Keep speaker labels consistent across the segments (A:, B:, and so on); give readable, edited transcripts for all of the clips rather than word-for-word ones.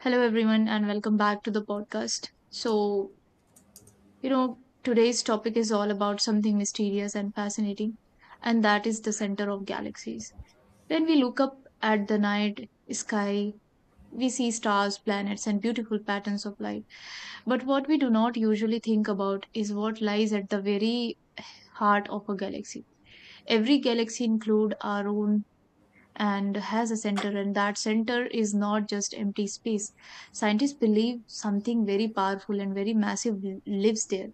A: Hello, everyone, and welcome back to the podcast. Today's topic is all about something mysterious and fascinating, and that is the center of galaxies. When we look up at the night sky, we see stars, planets, and beautiful patterns of light. But what we do not usually think about is what lies at the very heart of a galaxy. Every galaxy, includes our own, and has a center, and that center is not just empty space. Scientists believe something very powerful and very massive lives there,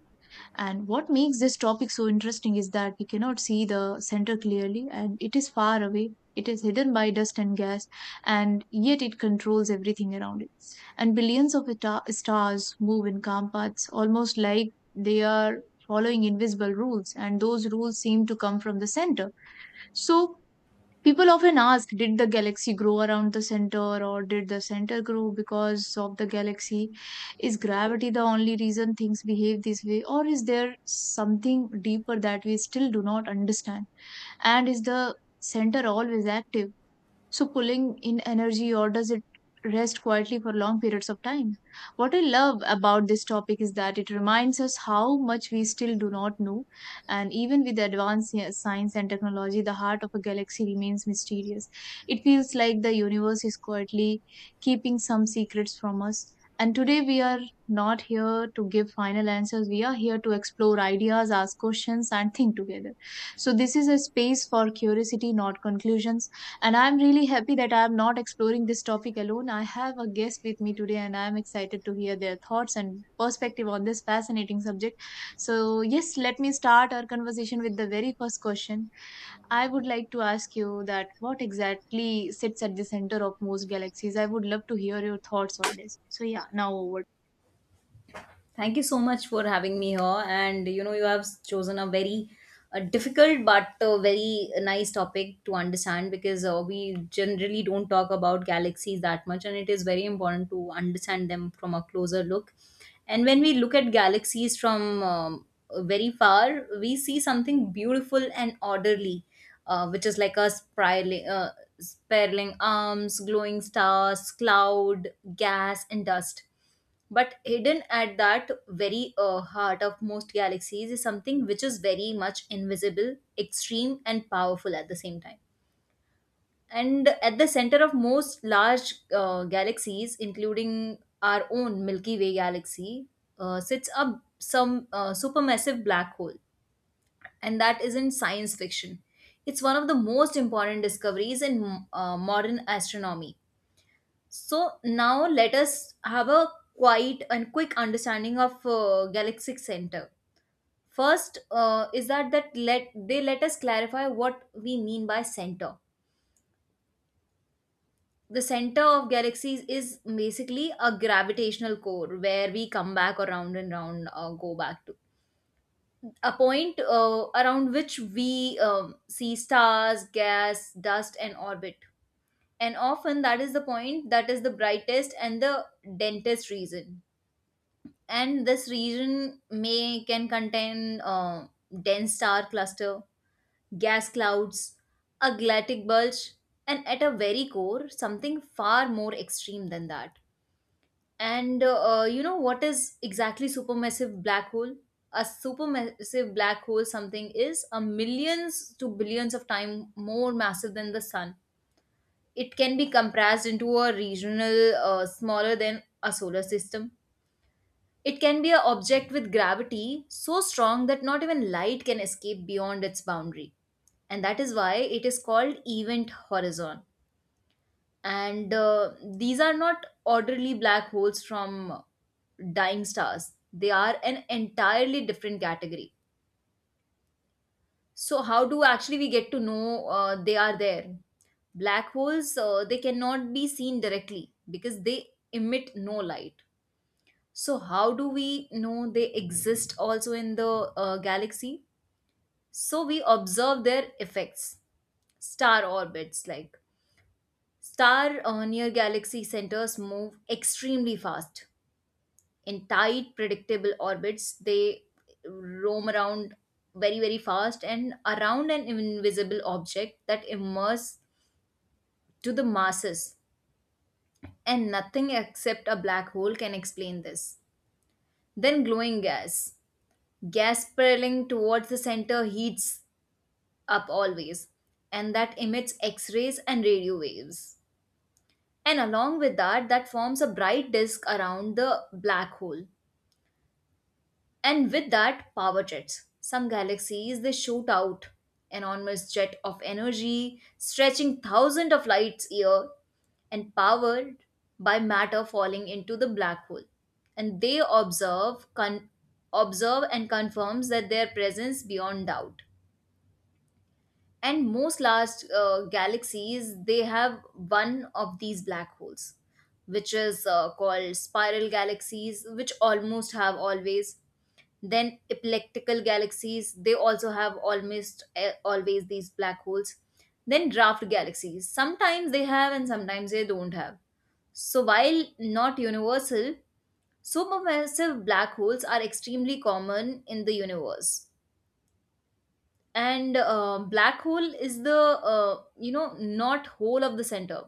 A: and what makes this topic so interesting is that we cannot see the center clearly and it is far away. It is hidden by dust and gas, and yet it controls everything around it. And billions of stars move in calm paths, almost like they are following invisible rules, and those rules seem to come from the center. So people often ask, did the galaxy grow around the center, or did the center grow because of the galaxy? Is gravity the only reason things behave this way, or is there something deeper that we still do not understand? And is the center always active, so pulling in energy, or does it rest quietly for long periods of time? What I love about this topic is that it reminds us how much we still do not know, and even with the advanced science and technology, the heart of a galaxy remains mysterious. It feels like the universe is quietly keeping some secrets from us. And today we are not here to give final answers. We are here to explore ideas, ask questions, and think together. So this is a space for curiosity, not conclusions. And I'm really happy that I'm not exploring this topic alone. I have a guest with me today, and I'm excited to hear their thoughts and perspective on this fascinating subject. So, yes, let me start our conversation with the very first question. I would like to ask you that what exactly sits at the center of most galaxies? I would love to hear your thoughts on this. So, yeah, now over.
B: Thank you so much for having me here. And you have chosen a very difficult but very nice topic to understand, because we generally don't talk about galaxies that much, and it is very important to understand them from a closer look. And when we look at galaxies from very far, we see something beautiful and orderly, which is like a spiraling arms, glowing stars, cloud, gas, and dust, but hidden at that very heart of most galaxies is something which is very much invisible, extreme, and powerful at the same time. And at the center of most large galaxies, including our own Milky Way galaxy, sits up some supermassive black hole. And that isn't science fiction, it's one of the most important discoveries in modern astronomy. So now let us have a quite and quick understanding of galaxic center. First, is that let us clarify what we mean by center. The center of galaxies is basically a gravitational core where we come back around and round, go back to a point around which we see stars, gas, dust, and orbit. And often that is the point, that is the brightest and the densest region, and this region may can contain dense star cluster, gas clouds, a galactic bulge, and at a very core, something far more extreme than that. And what is exactly supermassive black hole? A supermassive black hole something is a millions to billions of time more massive than the sun. It can be compressed into a regional smaller than a solar system. It can be an object with gravity so strong that not even light can escape beyond its boundary. And that is why it is called event horizon. And these are not orderly black holes from dying stars, they are an entirely different category. So, how do actually we get to know they are there? Black holes, they cannot be seen directly because they emit no light. So, how do we know they exist also in the galaxy? So, we observe their effects. Star orbits, like star near galaxy centers, move extremely fast. In tight, predictable orbits, they roam around very, very fast and around an invisible object that immerses to the masses. And nothing except a black hole can explain this. Then, glowing gas. Gas spiraling towards the center heats up always, and that emits X rays and radio waves. And along with that, that forms a bright disk around the black hole. And with that, power jets. Some galaxies, they shoot out enormous jet of energy stretching thousands of light year, and powered by matter falling into the black hole, and they observe and confirms that their presence beyond doubt. And most large galaxies, they have one of these black holes, which is called spiral galaxies, which almost have always. Then elliptical galaxies, they also have almost always these black holes. Then draft galaxies, sometimes they have and sometimes they don't have. So while not universal, supermassive black holes are extremely common in the universe. And black hole is the not whole of the center,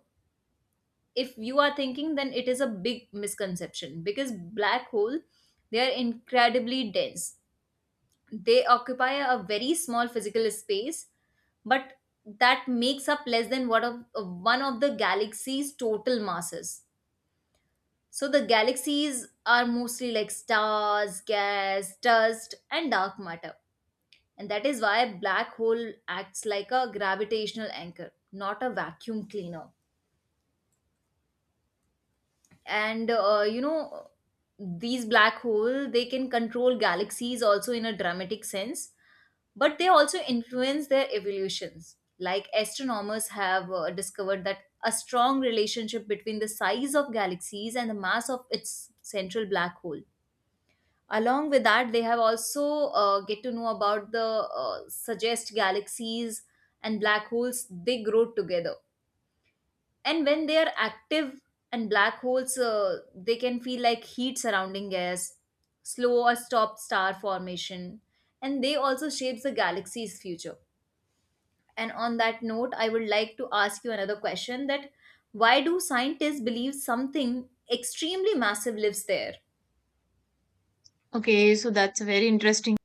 B: if you are thinking, then it is a big misconception, because black hole, they are incredibly dense, they occupy a very small physical space, but that makes up less than what of one of the galaxy's total masses. So the galaxies are mostly like stars, gas, dust, and dark matter. And that is why black hole acts like a gravitational anchor, not a vacuum cleaner. And these black hole they can control galaxies also in a dramatic sense, but they also influence their evolutions. Like astronomers have discovered that a strong relationship between the size of galaxies and the mass of its central black hole. Along with that, they have also get to know about the suggest galaxies and black holes, they grow together. And when they are active, and black holes they can feel like heat surrounding gas, slow or stop star formation, and they also shapes the galaxy's future. And on that note, I would like to ask you another question: that why do scientists believe something extremely massive lives there?
A: Okay, so that's a very interesting.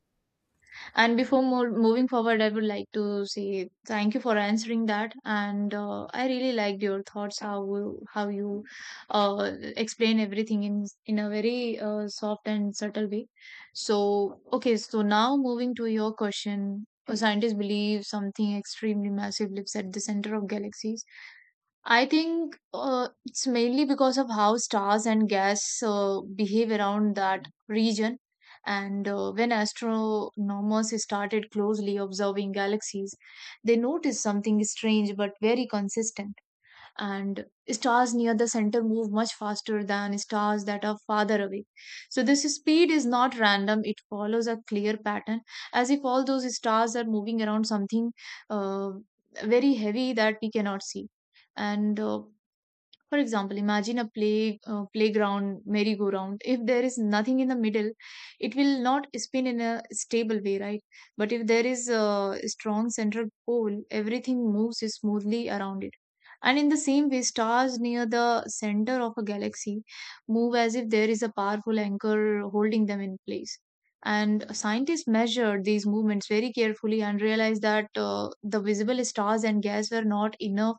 A: And before moving forward, I would like to say thank you for answering that. And I really liked your thoughts, how you explain everything in a very soft and subtle way. So okay, so now moving to your question. Scientists believe something extremely massive lives at the center of galaxies. I think it's mainly because of how stars and gas behave around that region. And when astronomers started closely observing galaxies, they noticed something strange but very consistent, and stars near the center move much faster than stars that are farther away. So this speed is not random, it follows a clear pattern, as if all those stars are moving around something uh, very heavy that we cannot see. And for example, imagine a playground merry-go-round. If there is nothing in the middle, it will not spin in a stable way, right? But if there is a strong central pole, everything moves smoothly around it. And in the same way, stars near the center of a galaxy move as if there is a powerful anchor holding them in place. And scientists measured these movements very carefully and realized that the visible stars and gas were not enough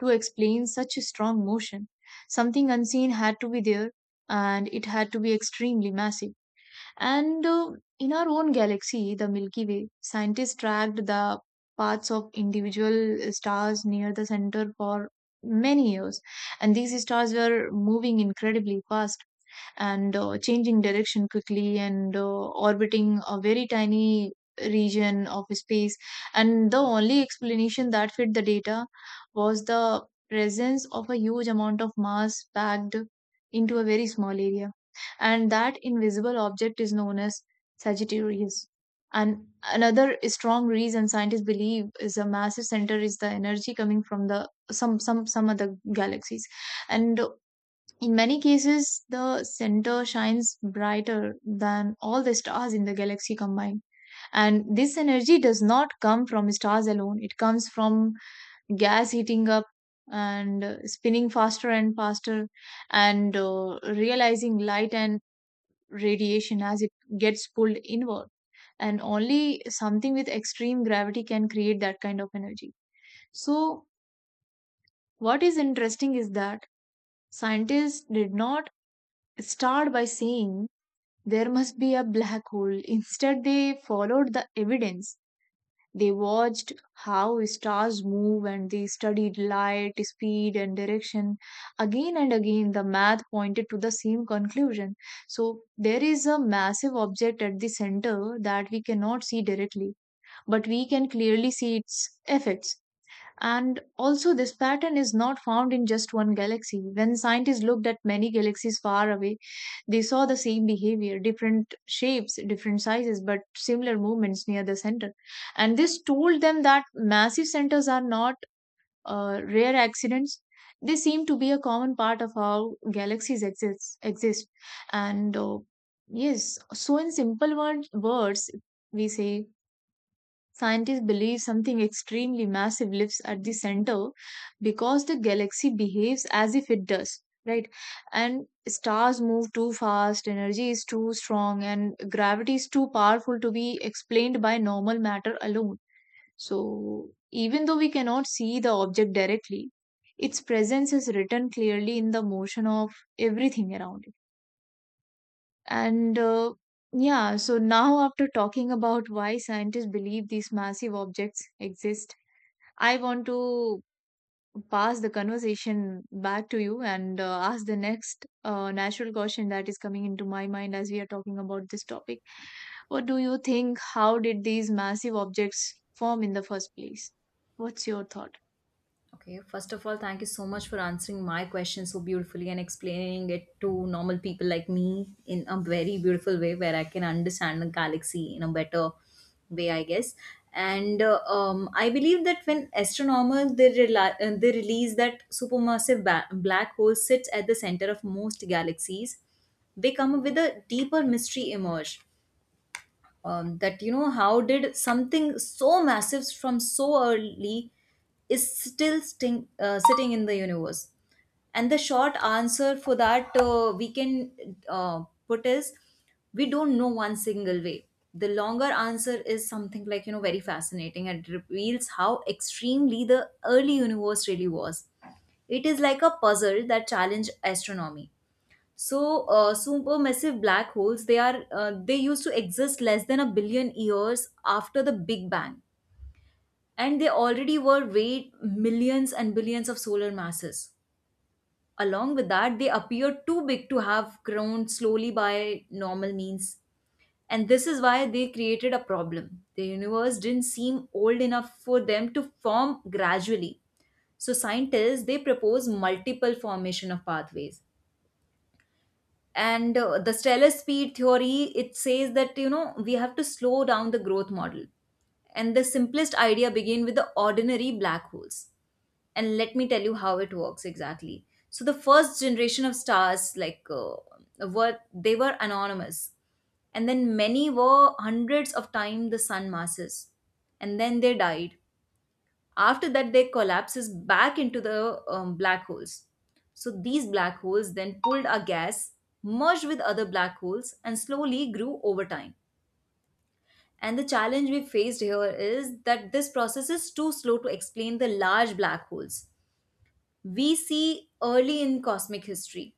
A: to explain such a strong motion. Something unseen had to be there, and it had to be extremely massive. And in our own galaxy, the Milky Way, scientists tracked the paths of individual stars near the center for many years. And these stars were moving incredibly fast, and changing direction quickly, and orbiting a very tiny region of space. And the only explanation that fit the data was the presence of a huge amount of mass packed into a very small area, and that invisible object is known as Sagittarius. And another strong reason scientists believe is a massive center is the energy coming from the some other galaxies, and in many cases the center shines brighter than all the stars in the galaxy combined. And this energy does not come from stars alone; it comes from gas heating up and spinning faster and faster and realizing light and radiation as it gets pulled inward, and only something with extreme gravity can create that kind of energy. So what is interesting is that scientists did not start by saying there must be a black hole. Instead, they followed the evidence. They watched how stars move and they studied light, speed, and direction. Again and again, the math pointed to the same conclusion. So there is a massive object at the center that we cannot see directly, but we can clearly see its effects. And also, this pattern is not found in just one galaxy. When scientists looked at many galaxies far away, they saw the same behavior, different shapes, different sizes, but similar movements near the center. And this told them that massive centers are not rare accidents. They seem to be a common part of how galaxies exist. And yes, so in simple words, we say scientists believe something extremely massive lives at the center because the galaxy behaves as if it does, right? And stars move too fast, energy is too strong, and gravity is too powerful to be explained by normal matter alone. So, even though we cannot see the object directly, its presence is written clearly in the motion of everything around it. And yeah, so now after talking about why scientists believe these massive objects exist, I want to pass the conversation back to you and ask the next natural question that is coming into my mind as we are talking about this topic. What do you think? How did these massive objects form in the first place? What's your thought?
B: Okay, first of all, thank you so much for answering my question so beautifully and explaining it to normal people like me in a very beautiful way where I can understand the galaxy in a better way, I guess. And I believe that when astronomers they release that supermassive black hole sits at the center of most galaxies, they come up with a deeper mystery emerge, that how did something so massive from so early is still sitting in the universe. And the short answer for that, we can put is, we don't know one single way. The longer answer is something like, very fascinating, and it reveals how extremely the early universe really was. It is like a puzzle that challenged astronomy. So, supermassive black holes, they used to exist less than a billion years after the Big Bang, and they already were weighed millions and billions of solar masses. Along with that, they appear too big to have grown slowly by normal means, and this is why they created a problem. The universe didn't seem old enough for them to form gradually. So scientists, they propose multiple formation of pathways. And the stellar speed theory, it says that, we have to slow down the growth model. And the simplest idea begin with the ordinary black holes, and let me tell you how it works exactly. So the first generation of stars, like were they were anonymous, and then many were hundreds of times the sun masses, and then they died. After that, they collapses back into the black holes. So these black holes then pulled a gas, merged with other black holes, and slowly grew over time. And the challenge we faced here is that this process is too slow to explain the large black holes we see early in cosmic history.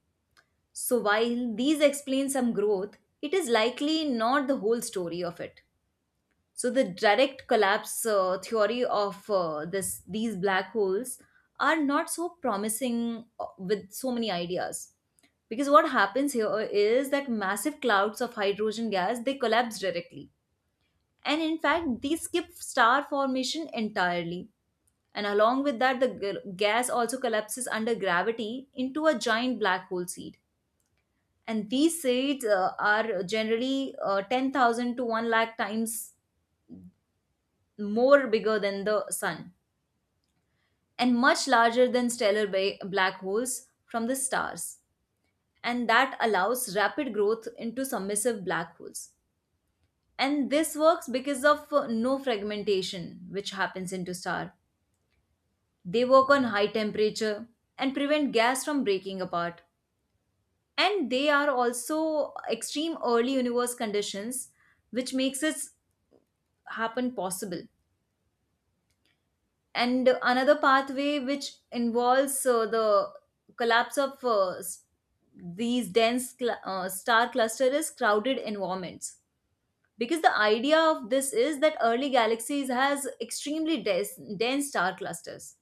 B: So while these explain some growth, it is likely not the whole story of it. So the direct collapse theory of this these black holes are not so promising with so many ideas. Because what happens here is that massive clouds of hydrogen gas, they collapse directly. And in fact, they skip star formation entirely. And along with that, the gas also collapses under gravity into a giant black hole seed. And these seeds are generally 10,000 to 1 lakh times more bigger than the sun, and much larger than stellar black holes from the stars, and that allows rapid growth into submissive black holes. And this works because of no fragmentation, which happens into star. They work on high temperature and prevent gas from breaking apart. And they are also extreme early universe conditions which makes this happen possible. And another pathway which involves the collapse of these dense star cluster is crowded environments, because the idea of this is that early galaxies has extremely dense star clusters.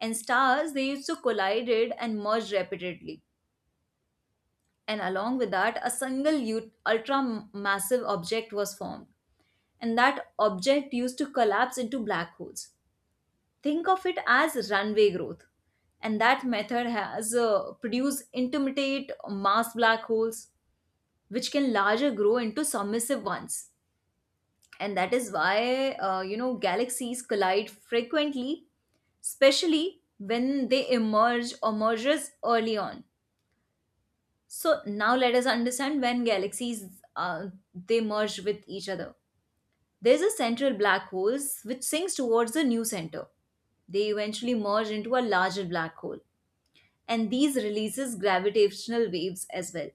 B: And stars, they used to collided and merge rapidly, and along with that, a single ultra massive object was formed. And that object used to collapse into black holes. Think of it as runway growth. And that method has produced intermittent mass black holes which can larger grow into submissive ones. And that is why, galaxies collide frequently, especially when they emerge or merges early on. So now let us understand, when galaxies uh, they merge with each other, there's a central black hole which sinks towards the new center, they eventually merge into a larger black hole, and these releases gravitational waves as well.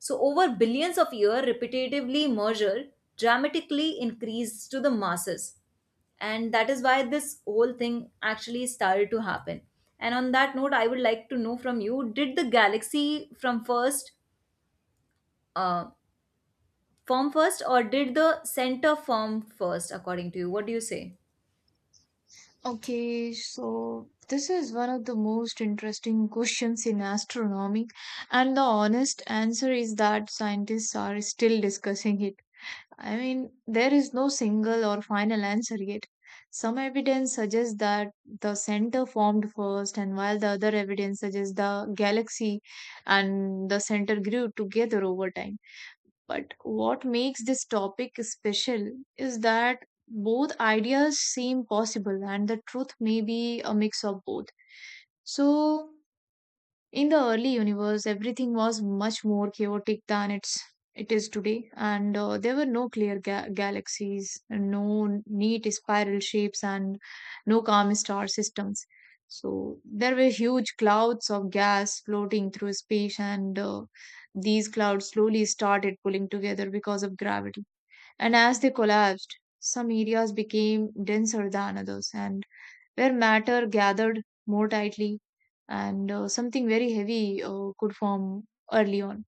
B: So over billions of years, repetitively measured dramatically increased to the masses, and that is why this whole thing actually started to happen. And on that note, I would like to know from you: did the galaxy from first uh, form first, or did the center form first? According to you, what do you say?
A: Okay, so this is one of the most interesting questions in astronomy, and the honest answer is that scientists are still discussing it. I mean, there is no single or final answer yet. Some evidence suggests that the center formed first, and while the other evidence suggests the galaxy and the center grew together over time. But what makes this topic special is that both ideas seem possible and the truth may be a mix of both. So, in the early universe, everything was much more chaotic than it is today, and there were no clear galaxies, no neat spiral shapes, and no calm star systems. So there were huge clouds of gas floating through space, and these clouds slowly started pulling together because of gravity. And as they collapsed, some areas became denser than others, and where matter gathered more tightly and something very heavy could form early on.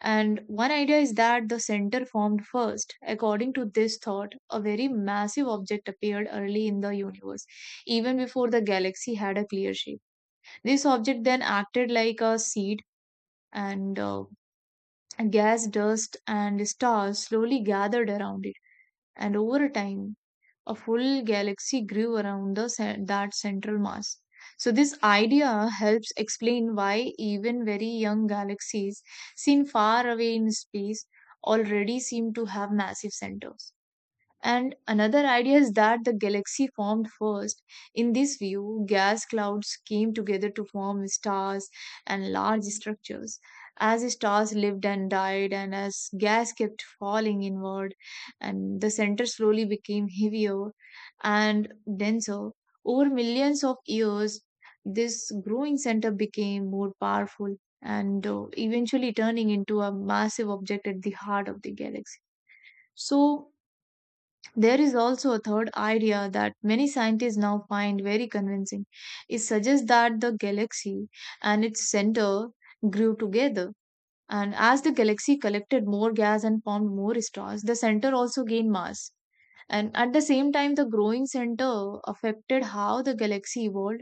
A: And one idea is that the center formed first. According to this thought, a very massive object appeared early in the universe, even before the galaxy had a clear shape. This object then acted like a seed, and gas, dust, and stars slowly gathered around it. And over time, a full galaxy grew around that central mass. So this idea helps explain why even very young galaxies, seen far away in space, already seem to have massive centers. And another idea is that the galaxy formed first. In this view, gas clouds came together to form stars and large structures. As stars lived and died, and as gas kept falling inward, and the center slowly became heavier and denser. Over millions of years, this growing center became more powerful and eventually turning into a massive object at the heart of the galaxy. So, there is also a third idea that many scientists now find very convincing. It suggests that the galaxy and its center grew together. And as the galaxy collected more gas and formed more stars, the center also gained mass. And at the same time, the growing center affected how the galaxy evolved,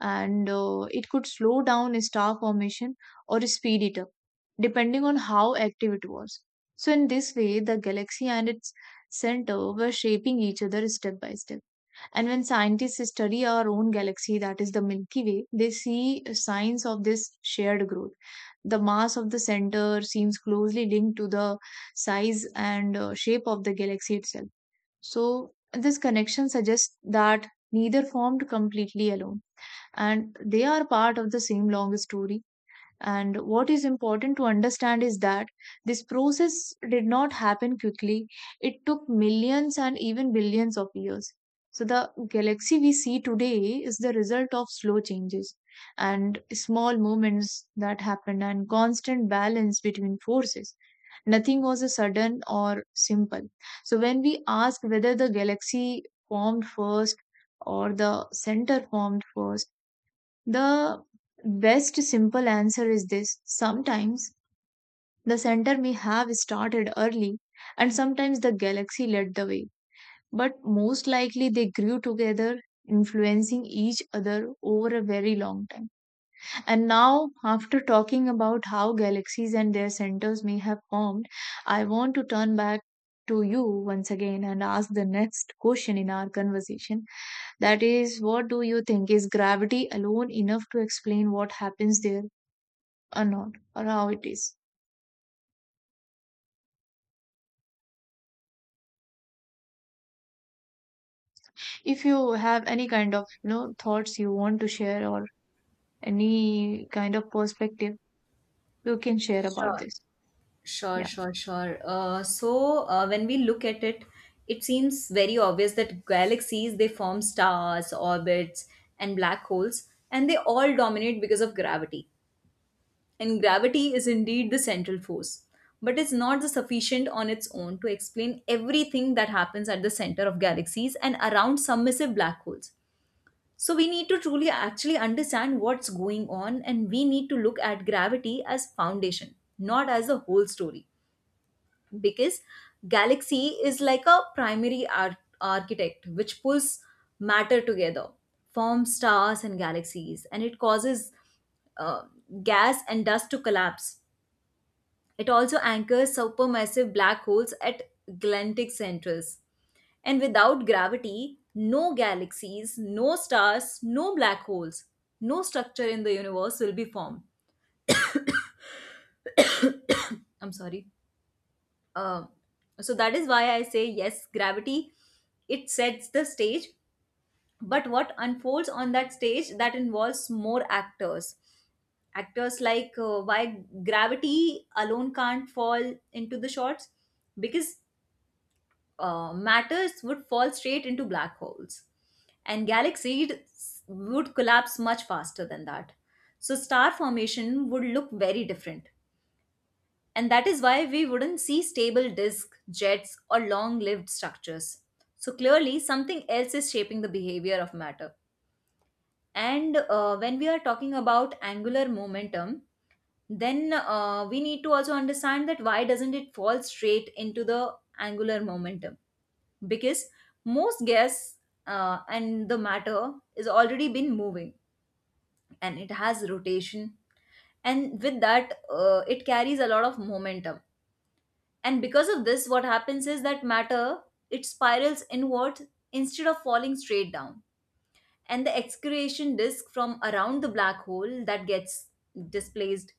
A: and it could slow down star formation or speed it up, depending on how active it was. So, in this way, the galaxy and its center were shaping each other step by step. And when scientists study our own galaxy, that is the Milky Way, they see signs of this shared growth. The mass of the center seems closely linked to the size and shape of the galaxy itself. So this connection suggests that neither formed completely alone, and they are part of the same long story. And what is important to understand is that this process did not happen quickly. It took millions and even billions of years. So the galaxy we see today is the result of slow changes and small movements that happen and constant balance between forces. Nothing was a sudden or simple. So when we ask whether the galaxy formed first or the center formed first, the best simple answer is this. Sometimes the center may have started early and sometimes the galaxy led the way. But most likely they grew together, influencing each other over a very long time. And now, after talking about how galaxies and their centers may have formed, I want to turn back to you once again and ask the next question in our conversation. That is, what do you think? Is gravity alone enough to explain what happens there or not, or how it is? If you have any kind of thoughts you want to share or any kind of perspective, you can share about
B: Sure.
A: this.
B: Sure,
A: Yeah.
B: sure, sure. So when we look at it, it seems very obvious that galaxies, they form stars, orbits, and black holes, and they all dominate because of gravity. And gravity is indeed the central force, but it's not the sufficient on its own to explain everything that happens at the center of galaxies and around submissive black holes. So we need to truly actually understand what's going on, and we need to look at gravity as foundation, not as the whole story because galaxy is like a primary architect which pulls matter together, forms stars and galaxies, and it causes uh, gas and dust to collapse. It also anchors supermassive black holes at galactic centers, and without gravity, no galaxies, no stars, no black holes, no structure in the universe will be formed. I'm sorry. Um, so that is why I say yes, gravity, it sets the stage, but what unfolds on that stage that involves more actors. Actors like, why gravity alone can't fall into the shots, because matters would fall straight into black holes and galaxies would collapse much faster than that. So star formation would look very different, and that is why we wouldn't see stable disk, jets, or long lived structures. So clearly, something else is shaping the behavior of matter. And when we are talking about angular momentum, then we need to also understand that why doesn't it fall straight into the angular momentum? Because most gas and the matter is already been moving, and it has rotation, and with that, it carries a lot of momentum. And because of this, what happens is that matter, it spirals inwards instead of falling straight down. And the excretion disk from around the black hole that gets displaced.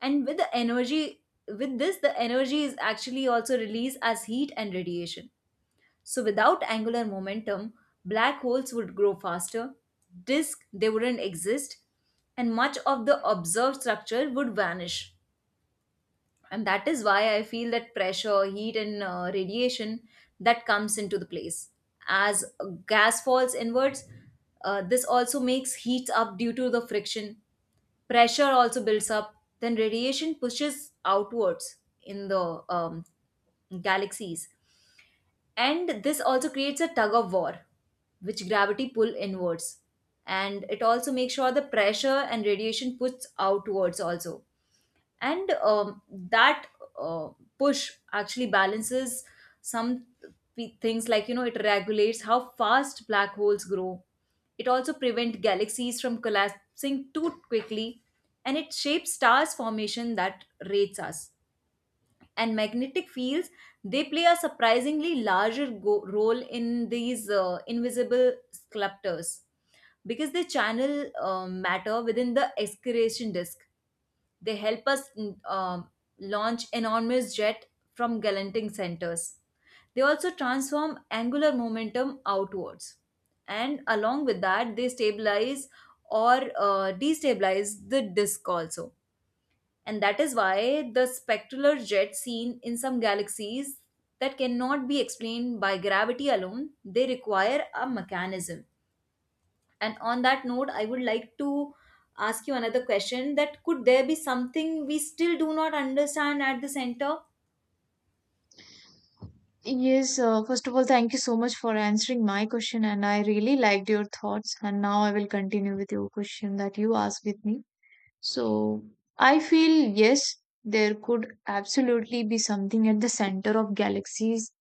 B: And with the energy with this, the energy is actually also released as heat and radiation. So without angular momentum, black holes would grow faster, disk they wouldn't exist, and much of the observed structure would vanish. And that is why I feel that pressure, heat, and radiation that comes into the place as gas falls inwards. This also makes heat up due to the friction, pressure also builds up, then radiation pushes outwards in the galaxies. And this also creates a tug of war which gravity pull inwards, and it also makes sure the pressure and radiation puts outwards also. And that uh, push actually balances some things, like, you know, it regulates how fast black holes grow. It also prevents galaxies from collapsing too quickly, and it shapes stars formation that rates us. And magnetic fields, they play a surprisingly larger role in these invisible sculptors, because they channel matter within the excretion disk. They help us launch enormous jet from gallanting centers. They also transform angular momentum outwards. And along with that, they stabilize or destabilize the disk also. And that is why the spectral jet seen in some galaxies that cannot be explained by gravity alone, they require a mechanism. And on that note, I would like to ask you another question, that could there be something we still do not understand at the center?
A: Yes, first of all, thank you so much for answering my question, and I really liked your thoughts. And now I will continue with your question that you asked with me. So I feel yes, there could absolutely be something at the center of galaxies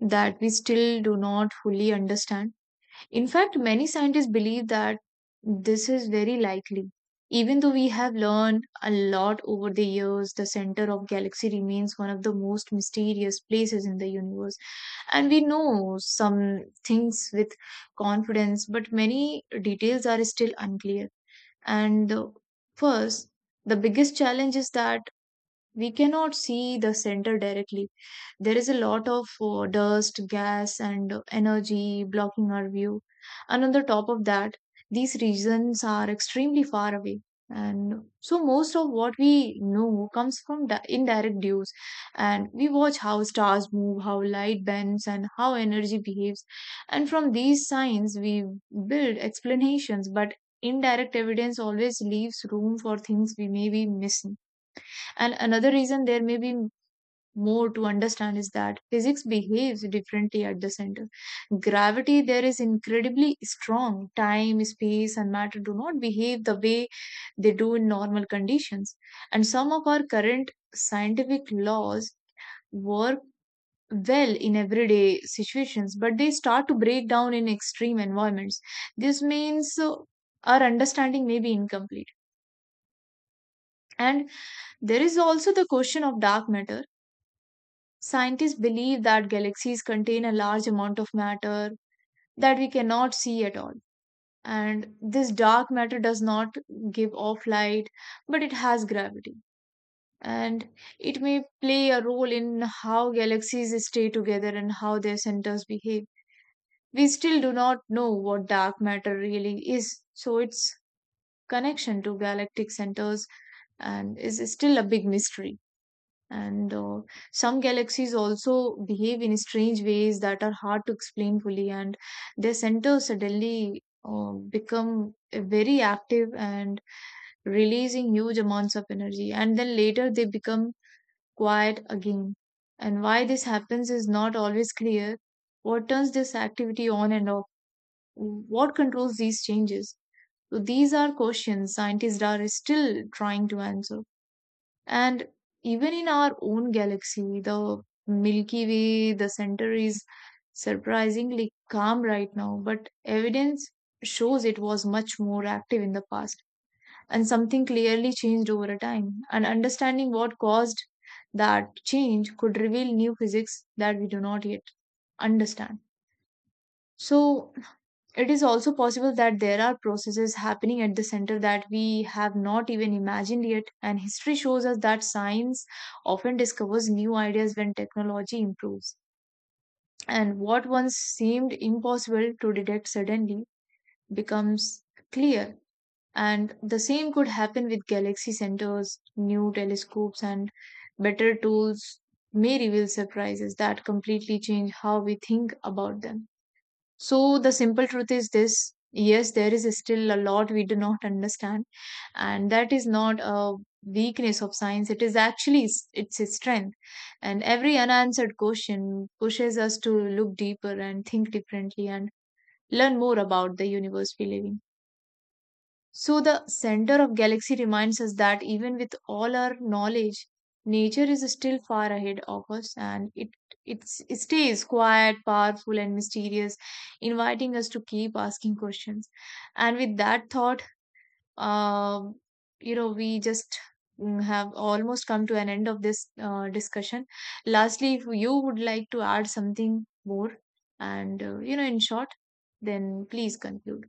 A: that we still do not fully understand. In fact, many scientists believe that this is very likely. Even though we have learned a lot over the years, the center of galaxy remains one of the most mysterious places in the universe. And we know some things with confidence, but many details are still unclear. And the, first, the biggest challenge is that we cannot see the center directly. There is a lot of dust, gas, and energy blocking our view. And on the top of that, these regions are extremely far away. And so most of what we know comes from indirect views. And we watch how stars move, how light bends, and how energy behaves. And from these signs, we build explanations, but indirect evidence always leaves room for things we may be missing. And another reason there may be more to understand is that physics behaves differently at the center. Gravity there is incredibly strong. Time, space, and matter do not behave the way they do in normal conditions. And some of our current scientific laws work well in everyday situations, but they start to break down in extreme environments. This means our understanding may be incomplete. And there is also the question of dark matter. Scientists believe that galaxies contain a large amount of matter that we cannot see at all. And this dark matter does not give off light, but it has gravity. And it may play a role in how galaxies stay together and how their centers behave. We still do not know what dark matter really is, so its connection to galactic centers and is still a big mystery. And some galaxies also behave in strange ways that are hard to explain fully, and their center suddenly become very active and releasing huge amounts of energy, and then later they become quiet again. And why this happens is not always clear. What turns this activity on and off? What controls these changes? So these are questions scientists are still trying to answer. And even in our own galaxy, the Milky Way, the center is surprisingly calm right now, but evidence shows it was much more active in the past. And something clearly changed over a time. And understanding what caused that change could reveal new physics that we do not yet understand. So, it is also possible that there are processes happening at the center that we have not even imagined yet, and history shows us that science often discovers new ideas when technology improves. And what once seemed impossible to detect suddenly becomes clear. And the same could happen with galaxy centers, new telescopes, and better tools may reveal surprises that completely change how we think about them. So, the simple truth is this yes, there is still a lot we do not understand, and that is not a weakness of science, it is actually its strength. And every unanswered question pushes us to look deeper and think differently and learn more about the universe we live in. So the center of galaxy reminds us that even with all our knowledge, nature is still far ahead of us and it stays quiet, powerful and mysterious, inviting us to keep asking questions. And with that thought, um, we just have almost come to an end of this discussion. Lastly, if you would like to add something more and, in short, then please conclude.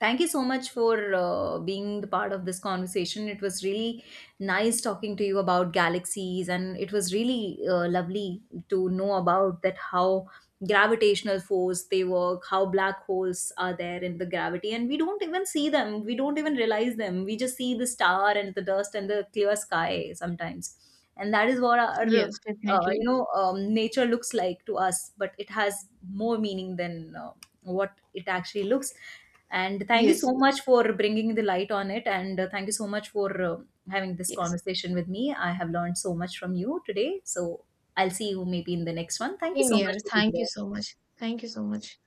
B: Thank you so much for being the part of this conversation. It was really nice talking to you about galaxies, and it was really lovely to know about that how gravitational force they work, how black holes are there in the gravity, and we don't even see them. We don't even realize them. We just see the star and the dust and the clear sky sometimes, and that is what our
A: Yes, definitely.
B: nature looks like to us, but it has more meaning than what it actually looks. And thank you
A: Yes.
B: so much for bringing the light on it, and thank you so much for having this
A: Yes.
B: conversation with me. I have learned so much from you today, so I'll see you maybe in the next one. Thank you
A: Same
B: so
A: here.
B: much for being
A: Thank you
B: there.
A: so much. Thank you so much.